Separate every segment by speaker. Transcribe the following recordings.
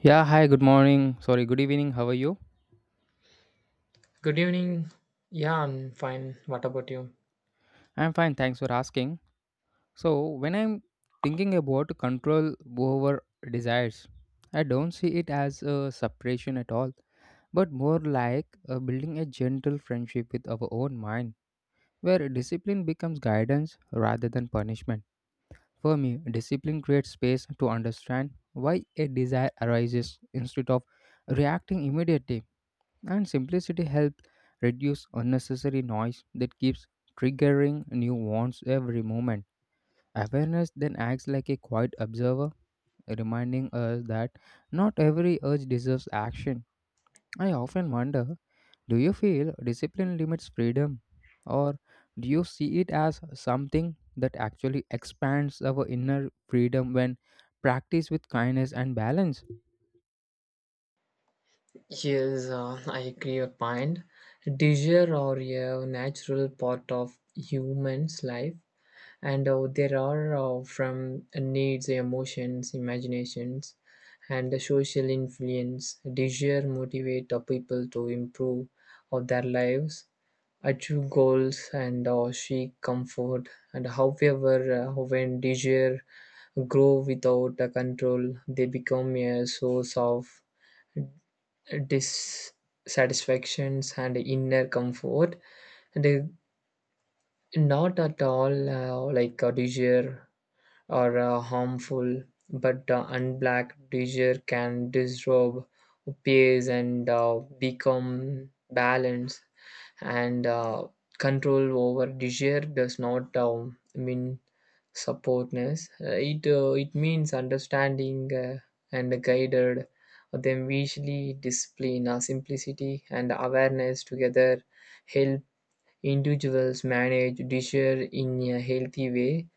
Speaker 1: Yeah, hi, good morning. Sorry, good evening. How are you?
Speaker 2: Good evening. Yeah, I'm fine. What about you?
Speaker 1: I'm fine, thanks for asking. So, when I'm thinking about control over desires, I don't see it as a separation at all, but more like building a gentle friendship with our own mind, where discipline becomes guidance rather than punishment. For me, discipline creates space to understand why a desire arises instead of reacting immediately, and simplicity helps reduce unnecessary noise that keeps triggering new wants every moment. Awareness then acts like a quiet observer, reminding us that not every urge deserves action. I often wonder, do you feel discipline limits freedom, or do you see it as something that actually expands our inner freedom when practiced with kindness and balance?
Speaker 2: Yes, I agree your point. Desire are a natural part of human's life, and there are from needs, emotions, imaginations, and the social influence. Desire motivate the people to improve of their lives, achieve goals, and seek comfort. And however, when desire grow without a control, they become a source of dissatisfactions and inner comfort. They not at all like a desire or harmful, but unblack desire can disrobe peace and become balance and control over desire does not mean supportness. It means understanding and guided them visually discipline, simplicity and awareness together help individuals manage desire in a healthy way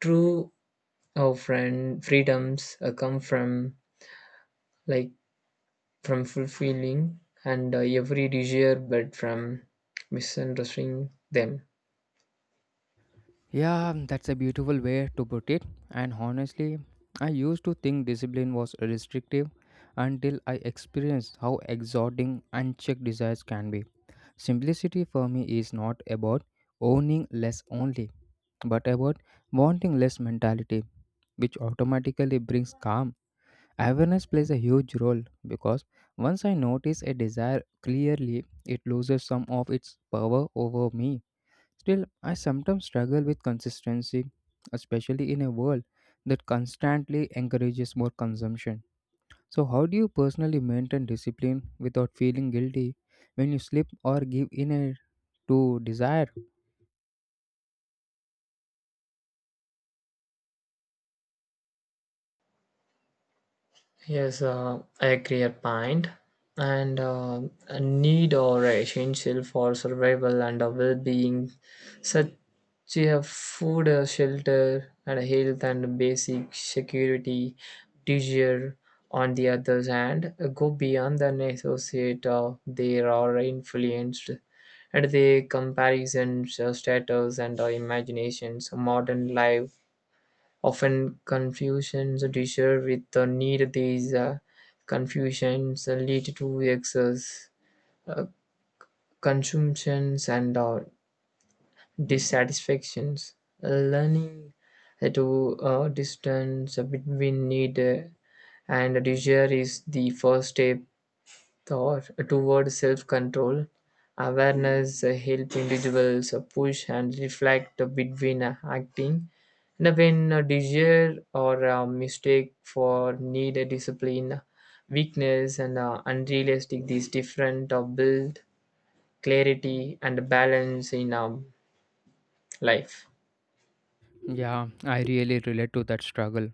Speaker 2: true friend freedoms come from like from fulfilling and every desire but from misunderstanding them.
Speaker 1: Yeah, that's a beautiful way to put it. And honestly, I used to think discipline was restrictive until I experienced how exhorting unchecked desires can be. Simplicity for me is not about owning less only, but about wanting less mentality, which automatically brings calm. Awareness plays a huge role because once I notice a desire clearly, it loses some of its power over me. Still, I sometimes struggle with consistency, especially in a world that constantly encourages more consumption. So, how do you personally maintain discipline without feeling guilty when you slip or give in a, to desire?
Speaker 2: Yes, I agree a point. And a need or essential for survival and a well-being, such as food, shelter, and a health and basic security, leisure. On the other hand, go beyond the associate. They are influenced and the comparisons, status, and imaginations. Modern life often confusions differ with the need; these confusions lead to excess uh, consumptions and dissatisfactions. Learning to distance between need and desire is the first step thought toward self-control. Awareness help individuals push and reflect between acting and when a desire or a mistake for need a discipline weakness and unrealistic these different build clarity and balance in life.
Speaker 1: Yeah, I really relate to that struggle.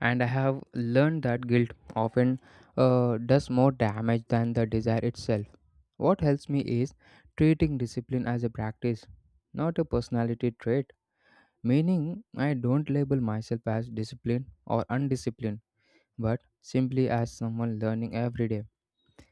Speaker 1: And I have learned that guilt often does more damage than the desire itself. What helps me is treating discipline as a practice, not a personality trait. Meaning, I don't label myself as disciplined or undisciplined, but simply as someone learning every day.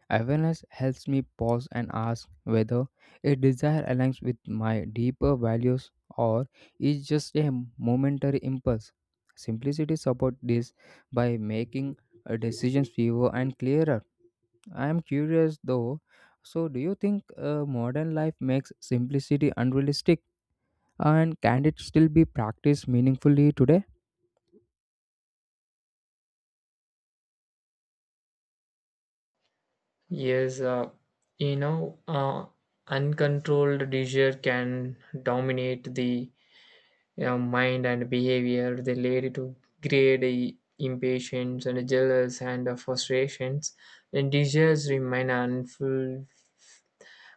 Speaker 1: Awareness helps me pause and ask whether a desire aligns with my deeper values or is just a momentary impulse. Simplicity supports this by making decisions fewer and clearer. I am curious though. So, do you think modern life makes simplicity unrealistic? And can it still be practiced meaningfully today?
Speaker 2: Yes, you know uh, uncontrolled desire can dominate the, yeah, mind and behavior. They lead to great impatience and jealous and frustrations. And desires remain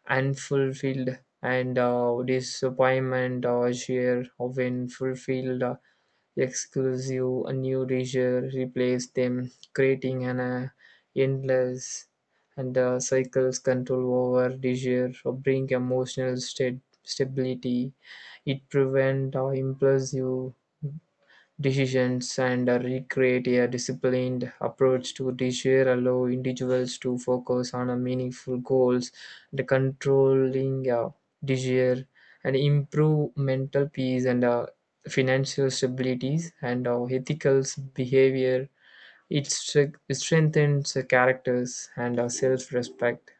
Speaker 2: unfulfilled and disappointment or share of unfulfilled exclusive a new desire replace them, creating an endless and cycles. Control over desire or bring emotional state stability. It prevent or impulsive decisions and recreate a disciplined approach to leisure allow individuals to focus on a meaningful goals the controlling leisure and improve mental peace and financial stabilities and ethical behavior. It strengthens the characters and self-respect.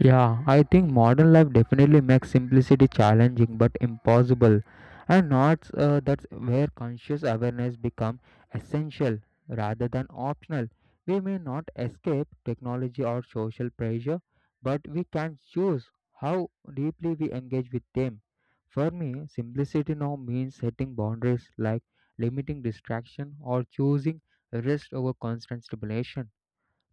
Speaker 1: Yeah, I think modern life definitely makes simplicity challenging but impossible, and not that's where conscious awareness become essential rather than optional. We may not escape technology or social pressure, but we can choose how deeply we engage with them. For me, simplicity now means setting boundaries like limiting distraction or choosing rest over constant stimulation.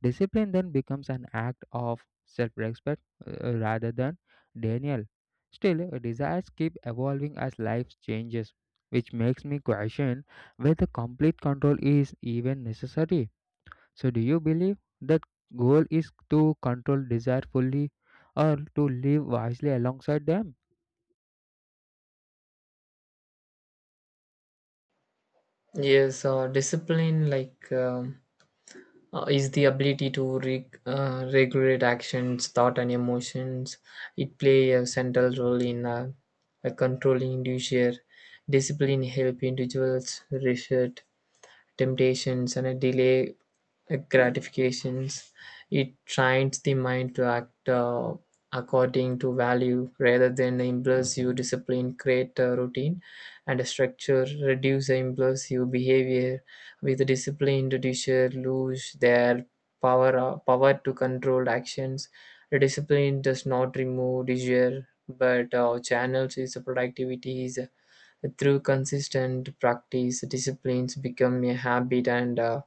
Speaker 1: Discipline then becomes an act of self respect rather than denial. Still, desires keep evolving as life changes, which makes me question whether complete control is even necessary. So, do you believe that goal is to control desire fully or to live wisely alongside them?
Speaker 2: Yes, discipline like, is the ability to regulate actions, thought, and emotions. It play a central role in a controlling individual. Discipline help individuals resist temptations and delay gratifications. It trains the mind to act according to value rather than impulsive discipline, create a routine and a structure, reduce the impulsive behavior. With the disciplined reducer lose their power to control actions. The discipline does not remove desire but channels its productivity is through consistent practice disciplines become a habit and uh,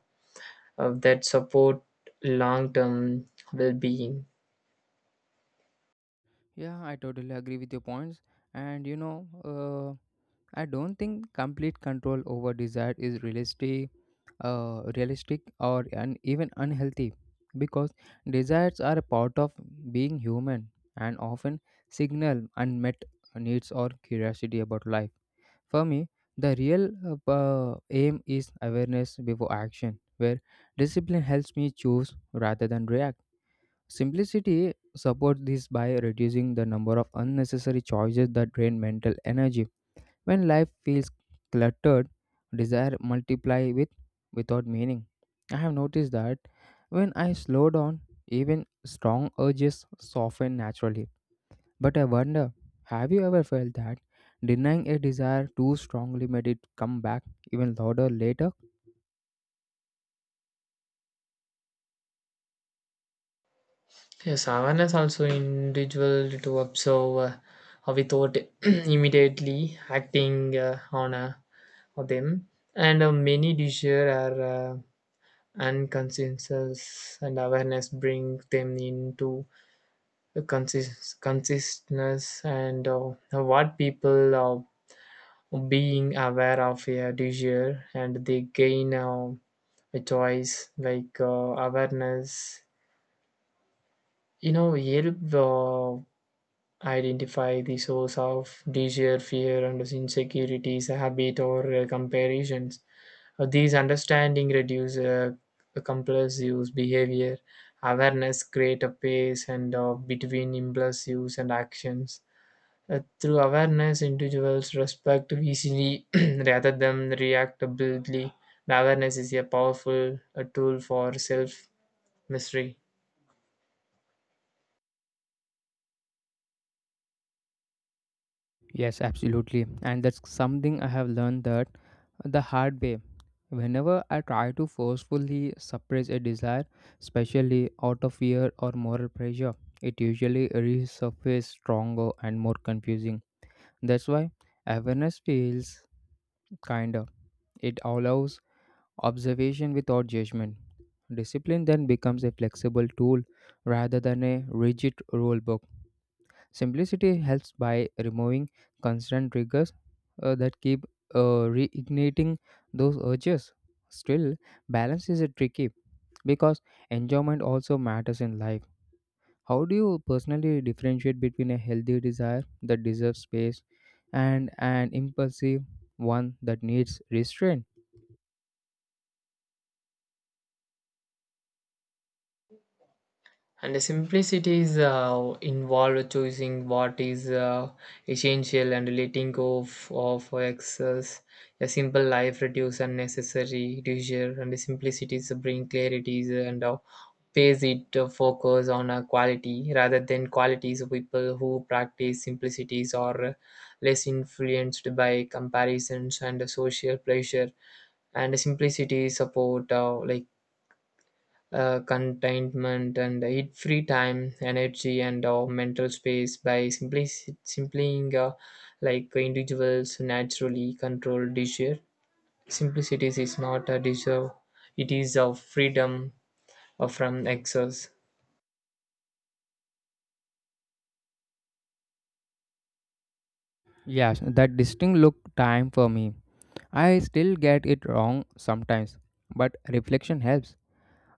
Speaker 2: uh, that support long term well being.
Speaker 1: Yeah, I totally agree with your points. And you know, I don't think complete control over desire is realistic, realistic or un- even unhealthy because desires are a part of being human and often signal unmet needs or curiosity about life. For me, the real aim is awareness before action, where discipline helps me choose rather than react. Simplicity supports this by reducing the number of unnecessary choices that drain mental energy when life feels cluttered, desire multiply without meaning. I have noticed that when I slow down, even strong urges soften naturally. But I wonder, have you ever felt that denying a desire too strongly made it come back even louder later?
Speaker 2: Yes, awareness also individual to observe how without immediately acting on of them. And many decisions are unconsensus, and awareness bring them into a consistness and what people are being aware of a desire and they gain. A choice like awareness, you know, help identify the source of desire fear and insecurities habit or comparisons. These understanding reduce compulsive behavior awareness create a pace and between impulsives and actions. Through awareness individuals respect easily rather than react boldly. The awareness is a powerful tool for self mystery.
Speaker 1: Yes, absolutely. And that's something I have learned that the hard way. Whenever I try to forcefully suppress a desire, especially out of fear or moral pressure, it usually resurfaces stronger and more confusing. That's why awareness feels kinder. It allows observation without judgment. Discipline then becomes a flexible tool rather than a rigid rule book. Simplicity helps by removing constant triggers that keep reigniting those urges. Still, balance is tricky because enjoyment also matters in life. How do you personally differentiate between a healthy desire that deserves space and an impulsive one that needs restraint?
Speaker 2: And the simplicity is involved choosing what is essential and letting go of excess. A simple life reduce unnecessary leisure and the simplicities bring clarities and pays it to focus on a quality rather than qualities. People who practice simplicities are less influenced by comparisons and social pressure and simplicity support contentment and it free time energy and our mental space by simply individuals naturally control desire. Simplicity is not a desire, it is a freedom from excess.
Speaker 1: Yes, that distinct look time for me. I still get it wrong sometimes, but reflection helps.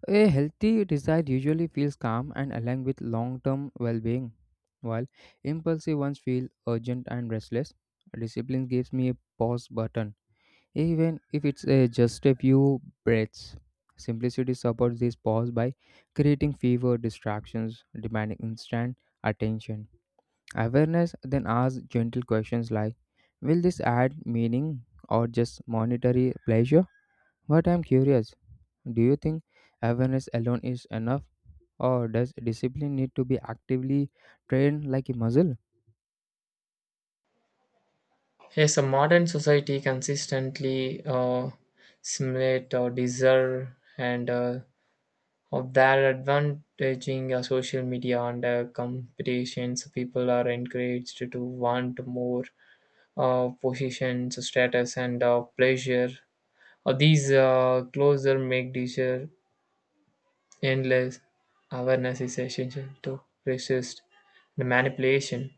Speaker 1: A healthy desire usually feels calm and aligned with long term well being, while impulsive ones feel urgent and restless. Discipline gives me a pause button, even if it's a just a few breaths. Simplicity supports this pause by creating fewer distractions, demanding instant attention. Awareness then asks gentle questions like, will this add meaning or just monetary pleasure? But I'm curious, do you think awareness alone is enough? Or does discipline need to be actively trained like a muscle?
Speaker 2: Yes, a modern society consistently simulate or desire and of their advantaging social media and competitions people are encouraged to want more positions, status, and pleasure. These closer make desire endless. Awareness is essential to resist the manipulation.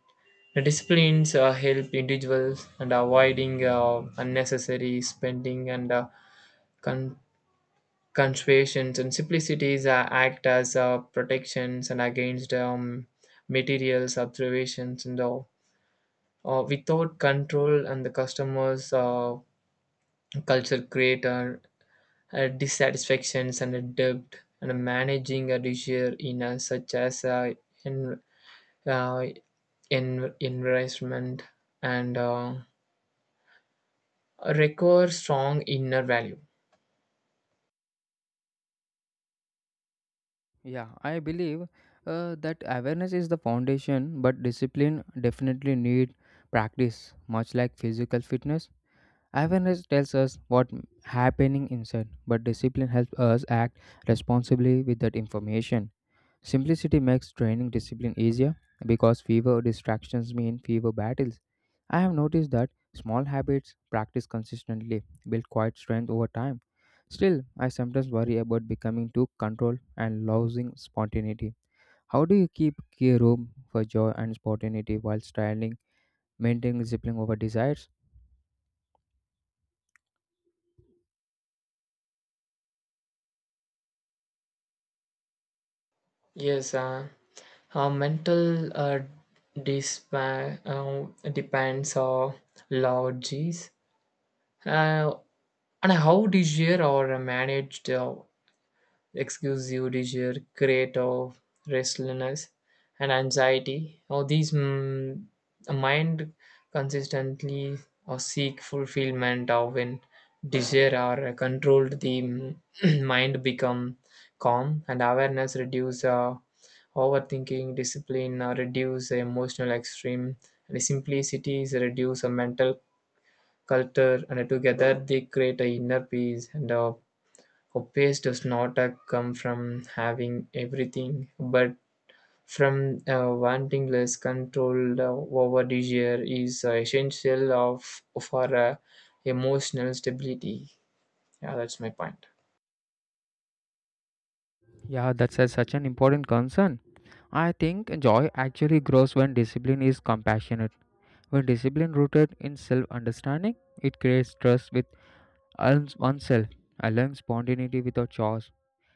Speaker 2: The disciplines help individuals and avoiding unnecessary spending and con- conservations and simplicities act as protections and against materials observations and all. Without control and the customers culture creator dissatisfactions and a debt and a managing a leisure in a, such as in, uh, in investment and require strong inner value.
Speaker 1: Yeah, I believe that awareness is the foundation, but discipline definitely need practice, much like physical fitness. Awareness tells us what happening inside, but discipline helps us act responsibly with that information. Simplicity makes training discipline easier because fewer distractions mean fewer battles. I have noticed that small habits practiced consistently build quite strength over time. Still, I sometimes worry about becoming too controlled and losing spontaneity. How do you keep key room for joy and spontaneity while styling, maintaining discipline over desires?
Speaker 2: Yes, mental depends on lodges, uh, and how leisure are managed. Excuse you desire, create of restlessness and anxiety. Now these a mind consistently or seek fulfillment of when desire are controlled the mind become calm and awareness reduce overthinking discipline reduce emotional extreme and simplicity is reduce a mental culture and together they create a inner peace and hope does not come from having everything, but from wanting less. Control over desire is essential of for emotional stability. Yeah, that's my point.
Speaker 1: Yeah, that's a, such an important concern. I think joy actually grows when discipline is compassionate. When discipline rooted in self understanding, it creates trust with oneself. I learned spontaneity without chores.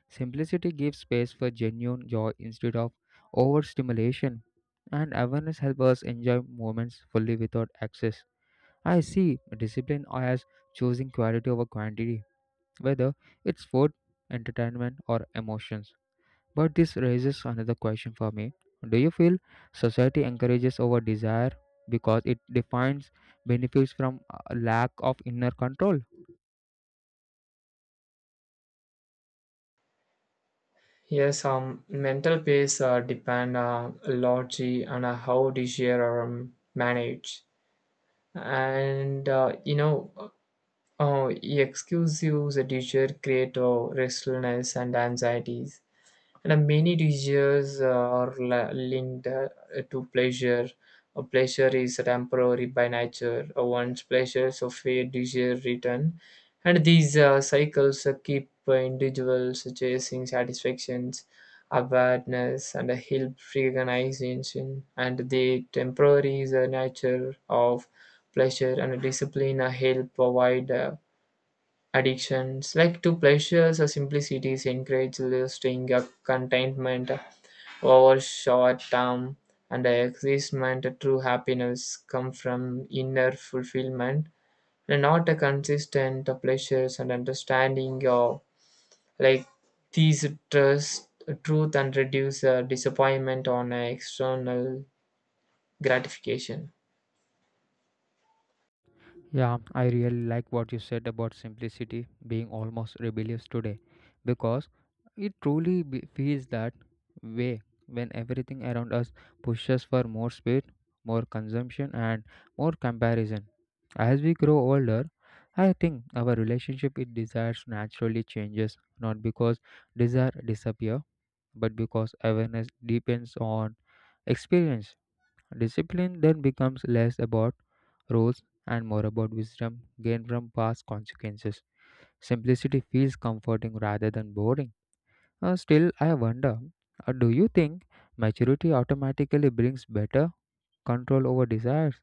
Speaker 1: Simplicity gives space for genuine joy instead of overstimulation. And awareness helps us enjoy moments fully without excess. I see discipline as choosing quality over quantity, whether it's food, entertainment, or emotions. But this raises another question for me. Do you feel society encourages over desire because it defines benefits from a lack of inner control?
Speaker 2: Yes, mental pace depend largely on how desire are managed, and excuse desire create restlessness and anxieties. And many desires are linked to pleasure. A pleasure is temporary by nature. Once pleasures of a desire return, and these cycles keep individuals chasing satisfactions, awareness, and help recognition. And the temporary is a nature of pleasure and discipline help avoid addictions, like to pleasures or simplicities, encourage lusting a contentment over short-term and excitement. True happiness comes from inner fulfillment, and not a consistent pleasures and understanding of like these trust truth and reduce disappointment on external gratification.
Speaker 1: Yeah, I really like what you said about simplicity being almost rebellious today because it truly be- feels that way when everything around us pushes for more speed, more consumption, and more comparison. As we grow older, I think our relationship with desires naturally changes not because desire disappear but because awareness depends on experience. Discipline then becomes less about rules and more about wisdom gained from past consequences. Simplicity feels comforting rather than boring. Still, I wonder, do you think maturity automatically brings better control over desires,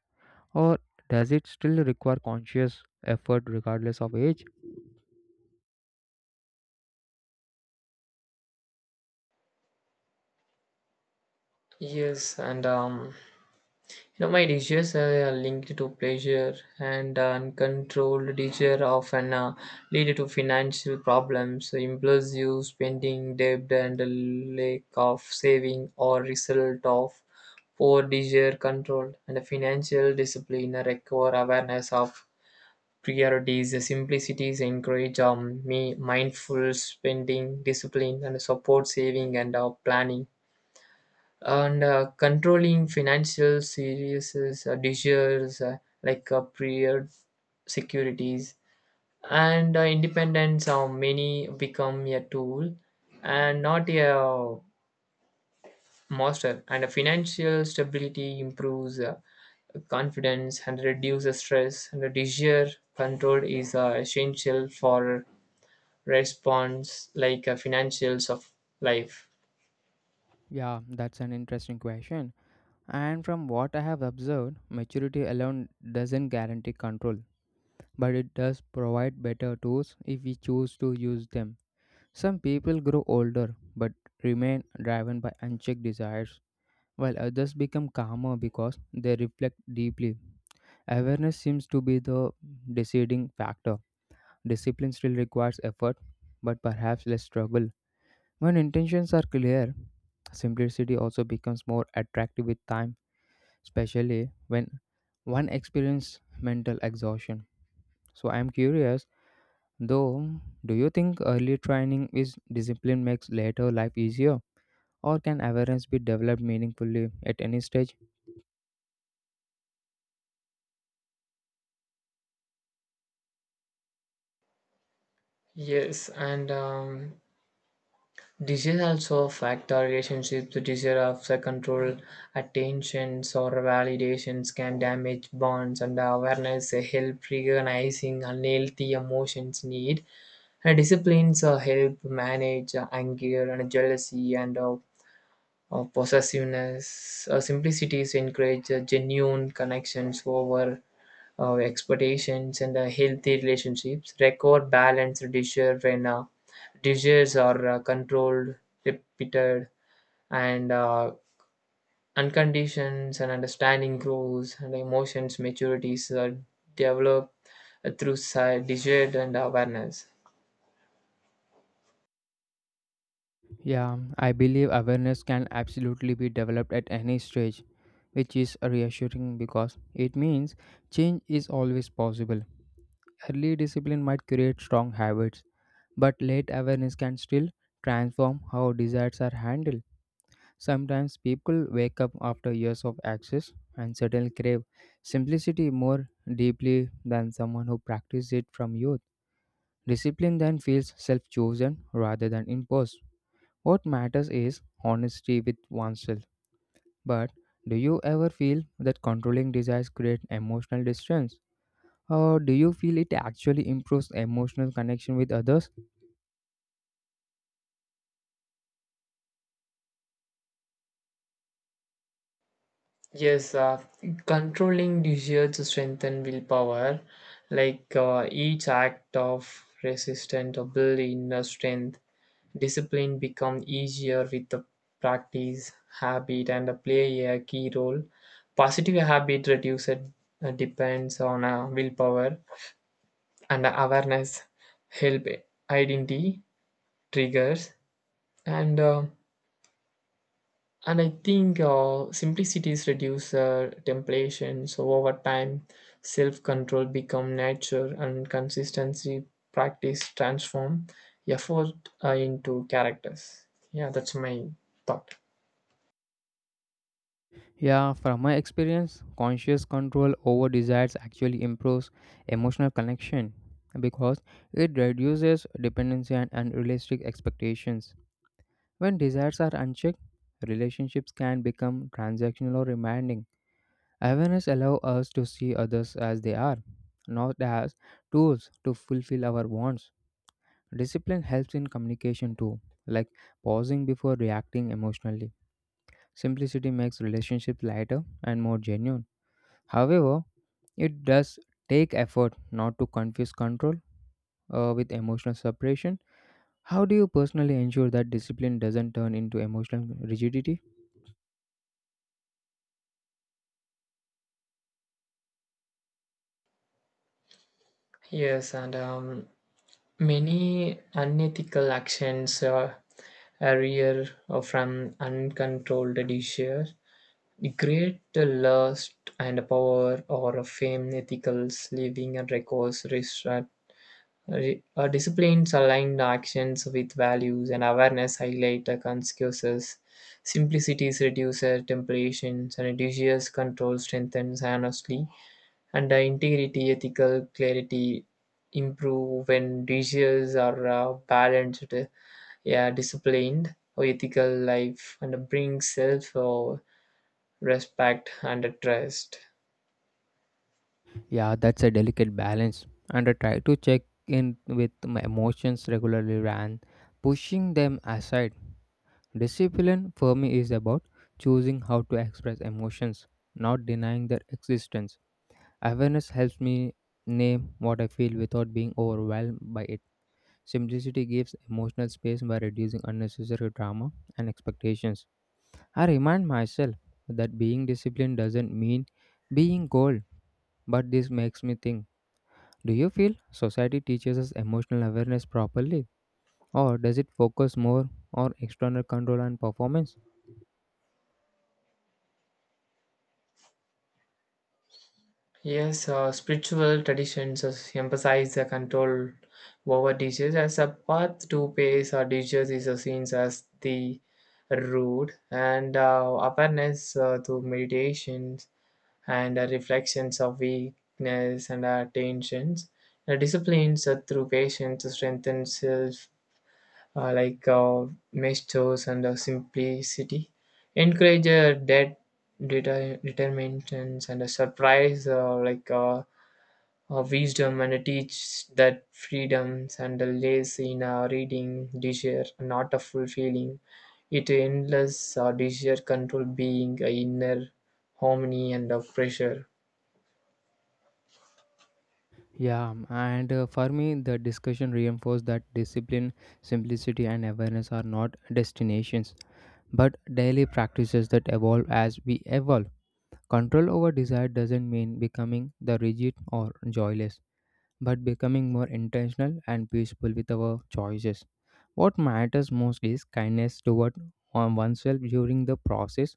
Speaker 1: or does it still require conscious effort regardless of age?
Speaker 2: Yes, and you know, my desires are linked to pleasure, and uncontrolled desire often lead to financial problems, impulsive spending, debt, and a lack of saving, or result of poor desire control and financial discipline require awareness of priorities. The simplicities encourage me mindful spending, discipline, and support saving and planning and controlling financial series desires prior securities and independence how many become a tool and not a monster and a financial stability improves confidence and reduces stress and the desire control is essential for response like financials of life.
Speaker 1: Yeah, that's an interesting question. And from what I have observed, maturity alone doesn't guarantee control, but it does provide better tools if we choose to use them. Some people grow older but remain driven by unchecked desires, while others become calmer because they reflect deeply. Awareness seems to be the deciding factor. Discipline still requires effort, but perhaps less struggle. When intentions are clear, simplicity also becomes more attractive with time, especially when one experiences mental exhaustion. So, I am curious though, do you think early training is discipline makes later life easier? Or can awareness be developed meaningfully at any stage?
Speaker 2: Yes, and disease also affect our relationships. The desire of the control, attentions, or validations can damage bonds, and awareness help recognizing unhealthy emotions need. And disciplines help manage anger and jealousy and possessiveness. Simplicities encourage genuine connections over expectations and healthy relationships. Record balance, desire when desires are controlled, repeated, and unconditioned, and understanding grows, and emotions, maturities are developed through desire and awareness.
Speaker 1: Yeah, I believe awareness can absolutely be developed at any stage, which is reassuring because it means change is always possible. Early discipline might create strong habits, but late awareness can still transform how desires are handled. Sometimes people wake up after years of access and suddenly crave simplicity more deeply than someone who practiced it from youth. Discipline then feels self chosen rather than imposed. What matters is honesty with oneself. But do you ever feel that controlling desires create emotional distance? Or do you feel it actually improves emotional connection with others?
Speaker 2: Yes, controlling desire to strengthen willpower, like each act of resistance or build inner strength. Discipline becomes easier with the practice. Habit and play a key role. Positive habit reduces depends on willpower and awareness help identity triggers and uh, and I think simplicities reduce temptation. So over time, self-control become nature and consistency practice transform effort into characters. Yeah, that's my thought.
Speaker 1: Yeah, from my experience, conscious control over desires actually improves emotional connection because it reduces dependency and unrealistic expectations. When desires are unchecked, relationships can become transactional or demanding. Awareness allows us to see others as they are, not as tools to fulfill our wants. Discipline helps in communication too, like pausing before reacting emotionally. Simplicity makes relationships lighter and more genuine. However, it does take effort not to confuse control with emotional separation. How do you personally ensure that discipline doesn't turn into emotional rigidity?
Speaker 2: Yes, and many unethical actions are real from uncontrolled desires, great lust and power or fame, ethical living and records, restraint. Disciplines aligned actions with values and awareness highlight the consequences. Simplicities reduces temptations and desires control strengthens honestly and integrity, ethical clarity improve when decisions are balanced, yeah, disciplined, or ethical life, and bring self respect and trust.
Speaker 1: Yeah, that's a delicate balance. And I try to check in with my emotions regularly and pushing them aside. Discipline for me is about choosing how to express emotions, not denying their existence. Awareness helps me name what I feel without being overwhelmed by it. Simplicity gives emotional space by reducing unnecessary drama and expectations. I remind myself that being disciplined doesn't mean being cold, but this makes me think, do you feel society teaches us emotional awareness properly, or does it focus more on external control and performance?
Speaker 2: Yes, spiritual traditions has emphasize the control over dishes as a path to pace or dishes is seen as the road and awareness through meditations and reflections of weakness and tensions. The disciplines through patience to strengthen self, uh, like uh, measures and simplicity, encourage debt, determinations and a surprise, wisdom, and teach that freedoms and the lays in reading desire, not a fulfilling. It endless desire control being a inner harmony and of pressure.
Speaker 1: Yeah, and for me, the discussion reinforced that discipline, simplicity, and awareness are not destinations but daily practices that evolve as we evolve. Control over desire doesn't mean becoming the rigid or joyless, but becoming more intentional and peaceful with our choices. What matters most is kindness toward on- oneself during the process,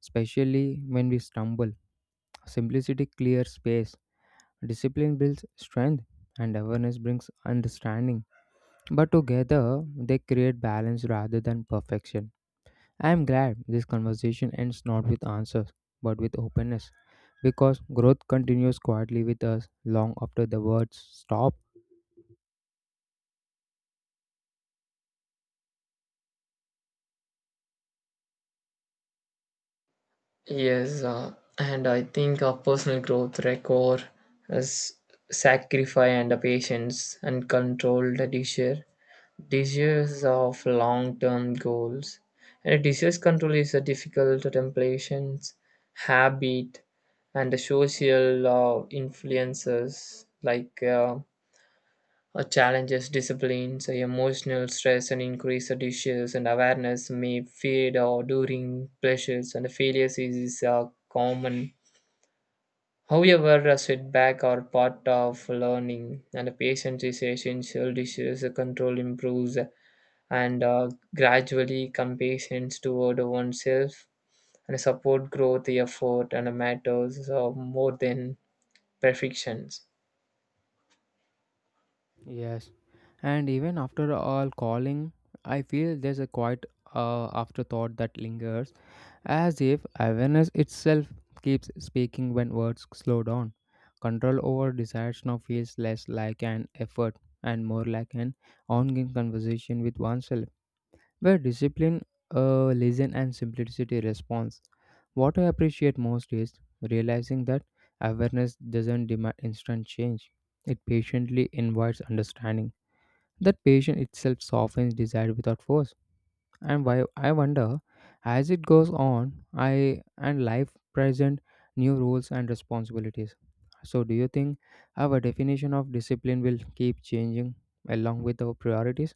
Speaker 1: especially when we stumble. Simplicity clears space, discipline builds strength, and awareness brings understanding. But together, they create balance rather than perfection. I am glad this conversation ends not with answers but with openness because growth continues quietly with us long after the words stop.
Speaker 2: Yes, and I think personal growth record is sacrifice and the patience and controlled desire. Desires of long-term goals. And a disease control is a difficult temptations, habit, and the social influences like challenges disciplines, emotional stress, and increased issues and awareness may fade or during pressures and failures is common. However, a setback are part of learning, and patience is essential. Issues control improves, and gradually compassion toward oneself and support growth effort and matters more than perfections.
Speaker 1: Yes, and even after all calling, I feel there's a quiet afterthought that lingers as if awareness itself keeps speaking when words slow down. Control over desires now feels less like an effort and more like an ongoing conversation with oneself, where discipline, lesson, and simplicity response. What I appreciate most is realizing that awareness doesn't demand instant change, it patiently invites understanding. That patience itself softens desire without force. And why I wonder, as it goes on, I and life present new rules and responsibilities. So, do you think our definition of discipline will keep changing along with our priorities?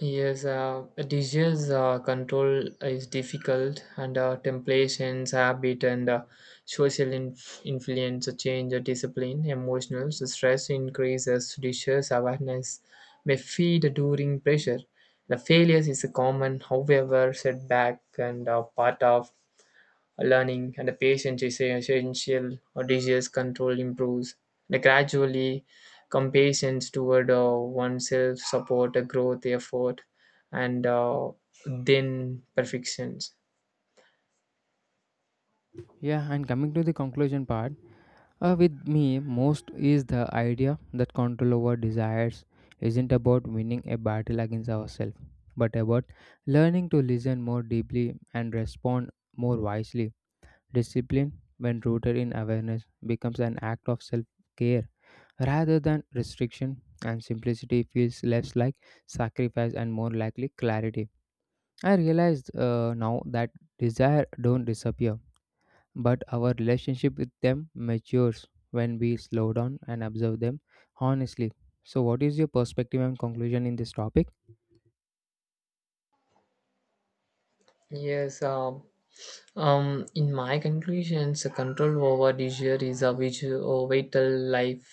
Speaker 2: Yes, DJ's control is difficult, and temptations, habit, and social influence change discipline, emotional stress increases, dishes awareness may feed during pressure. The failures is a common, however, setback and part of learning and the patience is essential or disease control improves the gradually compassion toward oneself support a growth effort and then perfections.
Speaker 1: Yeah, and coming to the conclusion part. With me, most is the idea that control over desires isn't about winning a battle against ourselves, but about learning to listen more deeply and respond more wisely. Discipline, when rooted in awareness, becomes an act of self care rather than restriction, and simplicity feels less like sacrifice and more likely clarity. I realized now that desire don't disappear but our relationship with them matures when we slow down and observe them honestly. So, what is your perspective and conclusion in this topic?
Speaker 2: yes um in my conclusions, control over desire is a vital life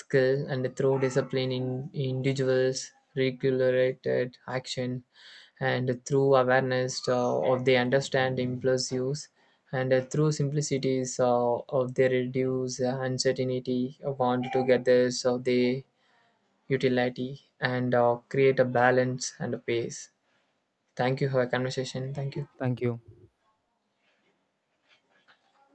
Speaker 2: skill, and through discipline in individuals, regulated action, and through awareness of they understand impulse use, and through simplicities of they reduce uncertainty, want to get this of the utility, and create a balance and a pace. Thank you for a conversation. Thank you.
Speaker 1: Thank you.